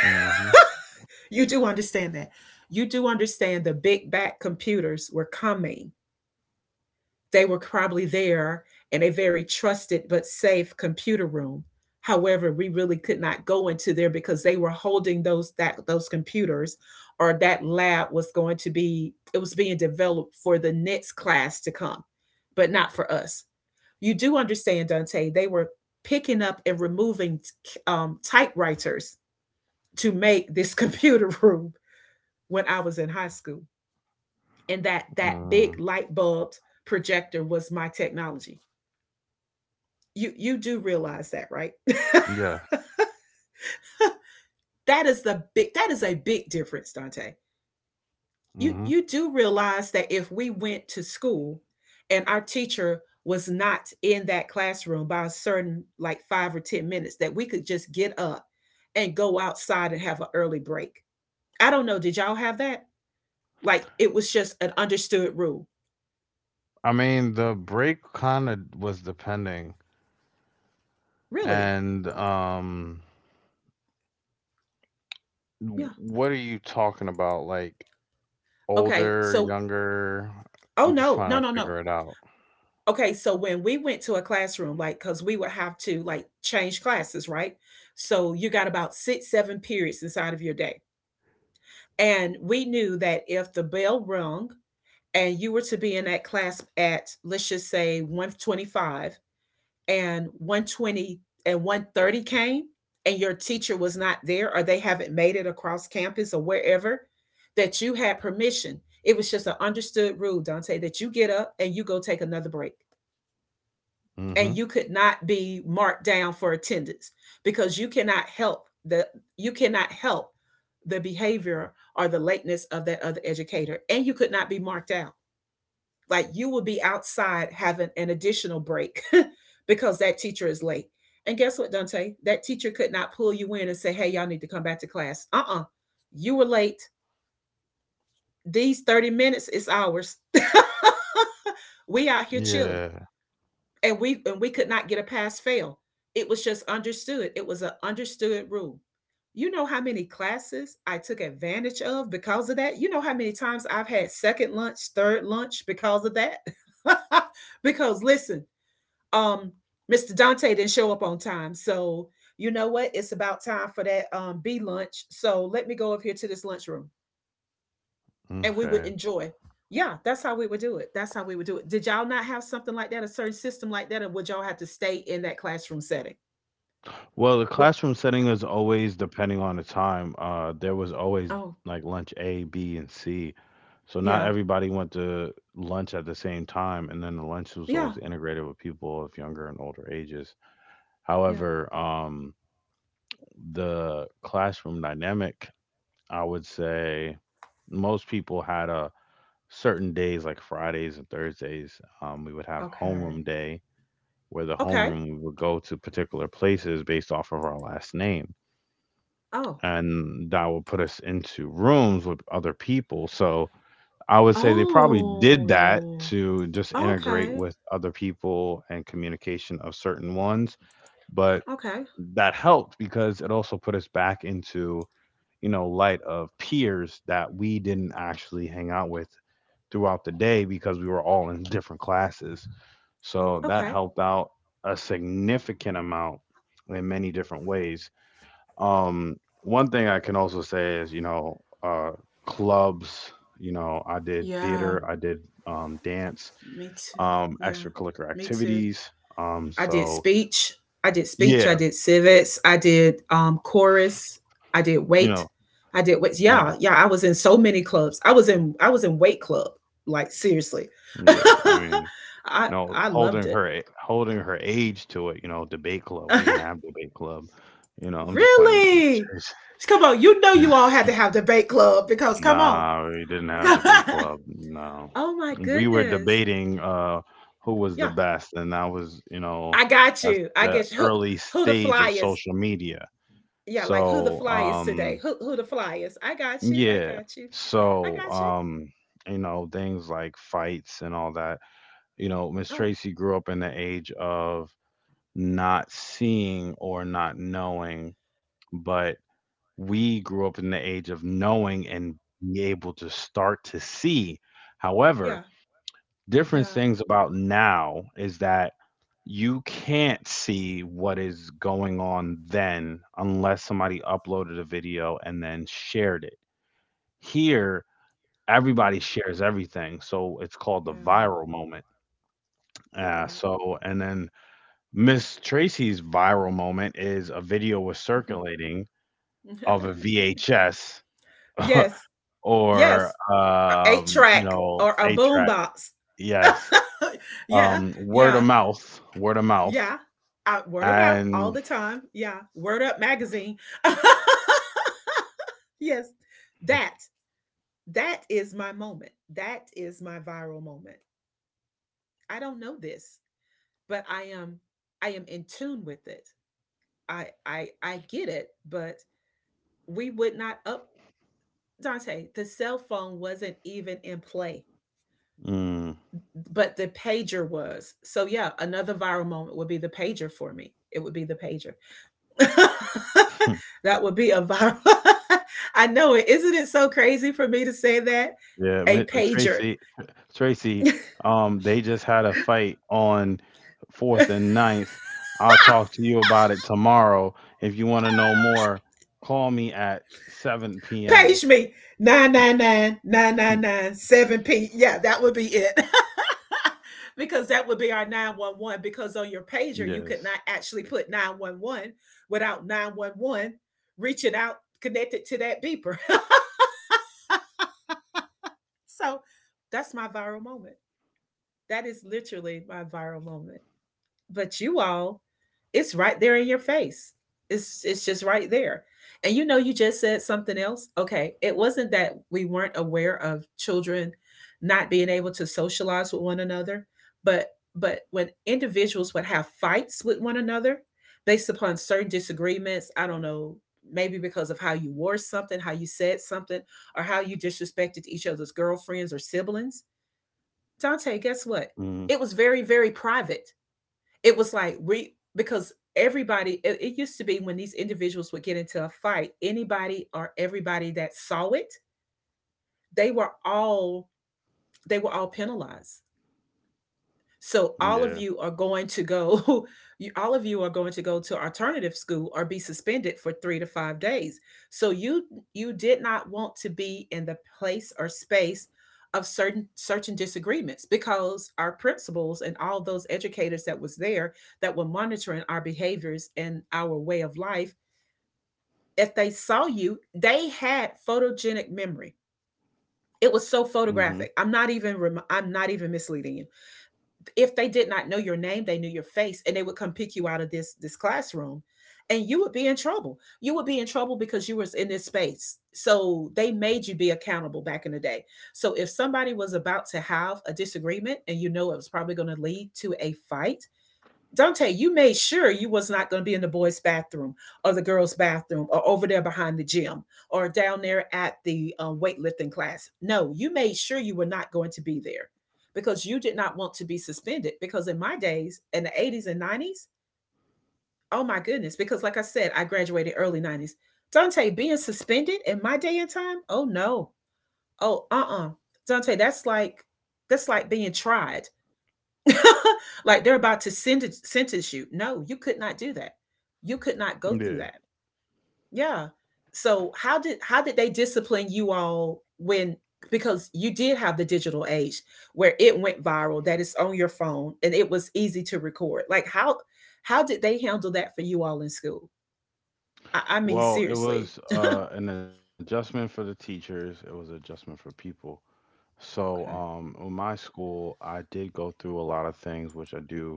Mm-hmm.
You do understand that. You do understand the big back computers were coming. They were probably there in a very trusted but safe computer room. However, we really could not go into there because they were holding those computers, or that lab was going to be it was being developed for the next class to come, but not for us. You do understand, Dante, they were picking up and removing typewriters to make this *laughs* computer room when I was in high school. And that
Mm-hmm.
big light bulb projector was my technology. You do realize that, right? *laughs*
Yes.
That is a big difference, Dante. You
Mm-hmm.
you do realize that if we went to school and our teacher was not in that classroom by a certain, like, 5 or 10 minutes, that we could just get up and go outside and have an early break. I don't know, did y'all have that? Like, it was just an understood rule.
I mean, the break kind of was depending.
Really?
And, w
Yeah.
what are you talking about? Like,
Okay.
older,
So,
younger?
oh
I'm just
no, no,
trying to
no, no.
figure it out.
Okay, so when we went to a classroom, like, because we would have to, like, change classes, right? So you got about six, seven periods inside of your day. And we knew that if the bell rung and you were to be in that class at, let's just say, 1:25 and 1:20 and 1:30 came and your teacher was not there, or they haven't made it across campus or wherever, that you had permission. It was just an understood rule, Dante, that you get up and you go take another break, and
Mhm.
you could not be marked down for attendance because you cannot help the you cannot help behavior or the lateness of that other educator, and you could not be marked out. Like, you would be outside having an additional break *laughs* because that teacher is late. And guess what, Dante, that teacher could not pull you in and say, "Hey, y'all need to come back to class." Uh-uh, you were late. These 30 minutes is ours. *laughs* We out here chilling.
Yeah,
And we and we could not get a pass fail. It was just understood, it was an understood rule. You know how many classes I took advantage of because of that? You know how many times I've had second lunch, third lunch because of that? *laughs* Because, listen, um Mr. Dante didn't show up on time, so you know what, it's about time for that B lunch, so let me go over here to this lunchroom and we would
okay.
enjoy. Yeah, that's how we would do it. That's how we would do it. Did y'all not have something like that, a certain system like that, and would y'all have to stay in that classroom setting?
Well, the
What?
classroom setting is always depending on the time. There was always,
Oh,
like, lunch A, B, and C, so not
yeah,
everybody went to lunch at the same time, and then the lunch was
yeah,
always integrated with people of younger and older ages.
yeah.
However, the classroom dynamic, I would say most people had a certain days like Fridays and Thursdays, we would have
Okay,
homeroom day where the
okay.
homeroom would go to particular places based off of our last name.
Oh,
And that would put us into rooms with other people. So I would say they probably did that
oh,
to just integrate
okay,
with other people and communication of certain ones. But
okay,
that helped because it also put us back into, you know, light of peers that we didn't actually hang out with throughout the day because we were all in *laughs* different classes. So that
okay.
helped out a significant amount in many different ways. One thing I can also say is, you know, clubs, you know, I did
Yeah,
theater, I did dance,
me too. Yeah,
extracurricular
me too.
activities. Um,
I did
so
speech. I did speech. I
yeah,
did civics. I did chorus. I did
you know,
weight. I did weights.
you know,
Yeah, yeah. I was in so many clubs. I was in weight club. Like, seriously, *laughs*
yeah, I mean,
I
no,
I loved it.
holding her age to it, you know, debate club. We didn't
*laughs*
have debate club. You know, I'm just playing with you.
Really? Come on, you know
*laughs*
you all had to have debate club, because come on.
Nah, we didn't
*laughs*
have debate club. No,
Oh my
we were
goodness.
debating who was the
Yeah,
best, and that was, you know,
I got
that's
you. I
the
get you.
early
Who the
stage of
flyers?
social media.
Yeah, like, who the
So
fly is today.
um
Who the fly is. I got you. I
yeah,
got you. I
so
got you.
um you know, things like fights and all that. You know, Miss
Oh,
Tracy grew up in the age of not seeing or not knowing, but we grew up in the age of knowing and be able to start to see. However,
yeah,
different
yeah,
things about now is that you can't see what is going on then unless somebody uploaded a video and then shared it. Here,
yeah,
everybody shares everything, so it's called the
yeah.
viral moment.
You're right.
So, and then Miss Tracy's viral moment is a video was circulating of a VHS
*laughs*
*laughs*
Yes,
or,
yes. Eight
you
track
know,
or a
8
boom
track.
box.
Yes.
*laughs* Yeah,
Word of
yeah,
mouth, word of mouth.
yeah. I, word of mouth all
And
the time. Yeah. Word Up magazine. *laughs* Yes. That that is my moment. That is my viral moment. I don't know this, but I am in tune with it. I get it, but we would not up. Dante, the cell phone wasn't even in play,
mm.
but the pager was. So yeah, another viral moment would be the pager for me. It would be the pager. *laughs*
*laughs*
That would be a viral. *laughs* I know it. Isn't it so crazy for me to say that?
Yeah,
A pager.
Tracy, Tracy, they just had a fight on fourth and ninth. I'll
*laughs*
talk to you about it tomorrow. If you want to know more, call me at 7 p.m.
Page me nine nine nine nine nine
*laughs*
nine seven p. Yeah, that would be it. *laughs* Because that would be our 911, because on your pager you could
Yes.
not actually put 911 without 911 reaching out connected to that beeper. *laughs* So, that's my viral moment. That is literally my viral moment. But, you all, it's right there in your face. It's just right there. And you know, you just said something else. Okay, it wasn't that we weren't aware of children not being able to socialize with one another, but but when individuals would have fights with one another based upon certain disagreements, I don't know, maybe because of how you wore something, how you said something, or how you disrespected each other's girlfriends or siblings. Dante, guess what,
Mm,
it was very, very private. It was like, we, because everybody, it used to be, when these individuals would get into a fight, anybody or everybody that saw it, they were all they were all penalized. So all of
yeah.
you are going to go, *laughs* you, all of you are going to go to alternative school or be suspended for 3 to 5 days. So you did not want to be in the place or space of certain disagreements, because our principals and all those educators that was there, that were monitoring our behaviors and our way of life, if they saw you, they had photogenic memory. It was so
Mm-hmm.
photographic. I'm not even misleading you. If they did not know your name, they knew your face, and they would come pick you out of this classroom and you would be in trouble. You would be in trouble because you was in this space. So they made you be accountable back in the day. So if somebody was about to have a disagreement and you know it was probably going to lead to a fight, Dante, you made sure you was not going to be in the boys' bathroom or the girls' bathroom or over there behind the gym or down there at the weightlifting class. No, you made sure you were not going to be there, because you did not want to be suspended. Because in my days, in the 80s and 90s, oh my goodness, because like I said, I graduated early 90s. Dante, being suspended in my day and time, oh no. Oh, uh. Dante, that's like, that's like being tried, *laughs* like they're about to sentence you. No, you could not do that. You could not go through
Yeah.
that. Yeah. So how did they discipline you all, when, because you did have the digital age where it went viral that it's on your phone and it was easy to record. Like, how did they handle that for you all in school? I mean,
Well, it
seriously.
was an adjustment for the teachers. It was an adjustment for people. So,
Okay.
in my school, I did go through a lot of things, which I do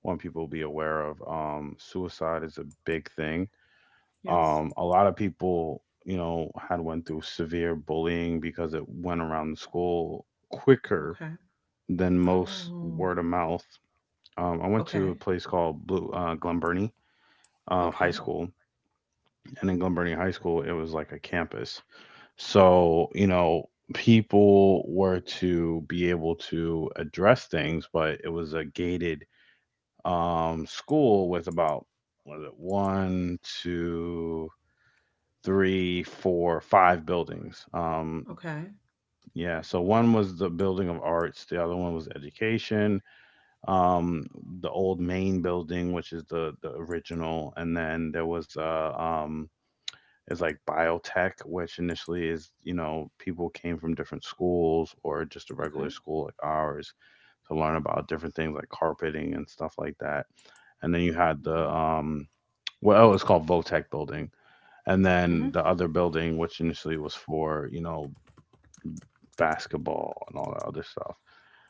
want people to be aware of. Suicide is a big thing.
Yes.
A lot of people, you know, had went through severe bullying because it went around the school quicker
Okay.
than most
Oh.
word of mouth. I went to
Okay.
a place called Blue Glen Burnie High
Okay.
School, and in Glen Burnie High School, it was like a campus. So, you know, people were to be able to address things, but it was a gated school with about, what is it, one, two, three, four, five buildings.
Okay.
Yeah, so one was the building of arts, the other one was education, um, the old main building, which is the original, and then there was a is like biotech, which initially is, you know, people came from different schools or just a regular
Okay.
school like ours to learn about different things like carpeting and stuff like that. And then you had the well it was called Votech building. And
Hmm.
then the other building which initially was for, you know, basketball and all that other stuff.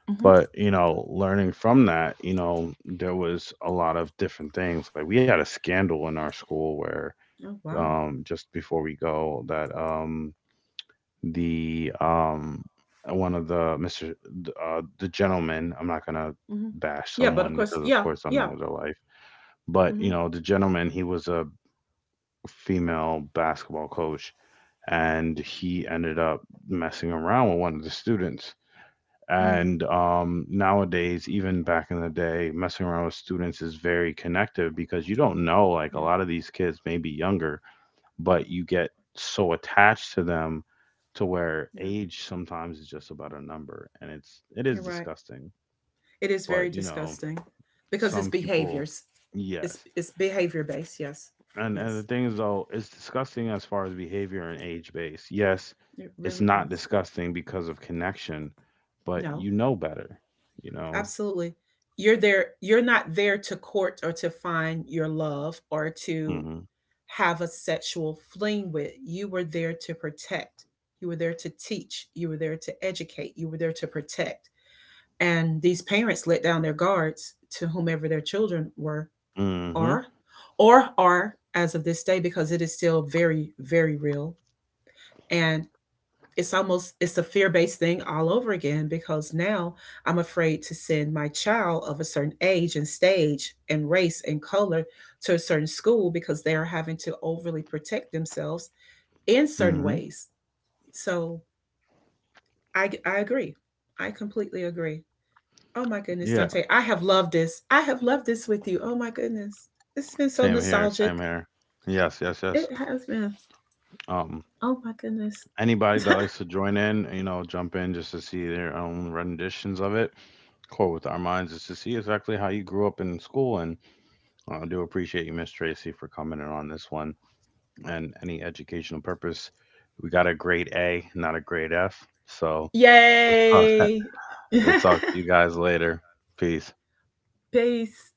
Hmm.
But, you know, learning from that, you know, there was a lot of different things. Like we had a scandal in our school where
Oh, wow.
just before we go that, the one of the Mr., the gentleman, I'm not gonna
Hmm.
bash
Yeah, but of
someone
course,
because of
yeah,
course I
yeah.
know their life, but
Hmm.
you know, the gentleman, he was a female basketball coach and he ended up messing around with one of the students.
Hmm.
And nowadays, even back in the day, messing around with students is very connective because you don't know, like a
Yeah,
lot of these kids may be younger but you get so attached to them to where
yeah.
age sometimes is just about a number, and it
You're
is
right.
disgusting.
It is very
But you know,
disgusting because it's
some people,
behaviors. It's
yes.
it's behavior based. Yes,
And
yes,
the thing is, though, it's disgusting as far as behavior and age base, yes,
it
it's
really
not
is.
disgusting because of connection, but
No,
you know better, you know.
absolutely. You're there. You're not there to court or to find your love or to
Mhm.
have a sexual fling with. You were there to protect. You were there to teach. You were there to educate. You were there to protect. And these parents let down their guards to whomever their children were,
Mhm.
are, or are as of this day, because it is still very, very real. And it's almost, it's a fear-based thing all over again, because now I'm afraid to send my child of a certain age and stage and race and color to a certain school because they are having to overly protect themselves in certain
Mhm.
ways. So I agree. I completely agree. Oh my goodness,
Yeah,
Dante. I have loved this. I have loved this with you. Oh my goodness. This has been so
same here,
nostalgic.
same here. Yes, yes, yes.
It has been.
um
Oh my goodness.
Anybody that likes to join in, you know, jump in just to see their own renditions of it. Core with our minds is to see exactly how you grew up in school. And I do appreciate you, Miss Tracy, for coming in on this one. And any educational purpose, we got a grade A, not a grade F. So we'll talk,
Yay. *laughs*
we'll talk to you guys later. Peace.
Peace.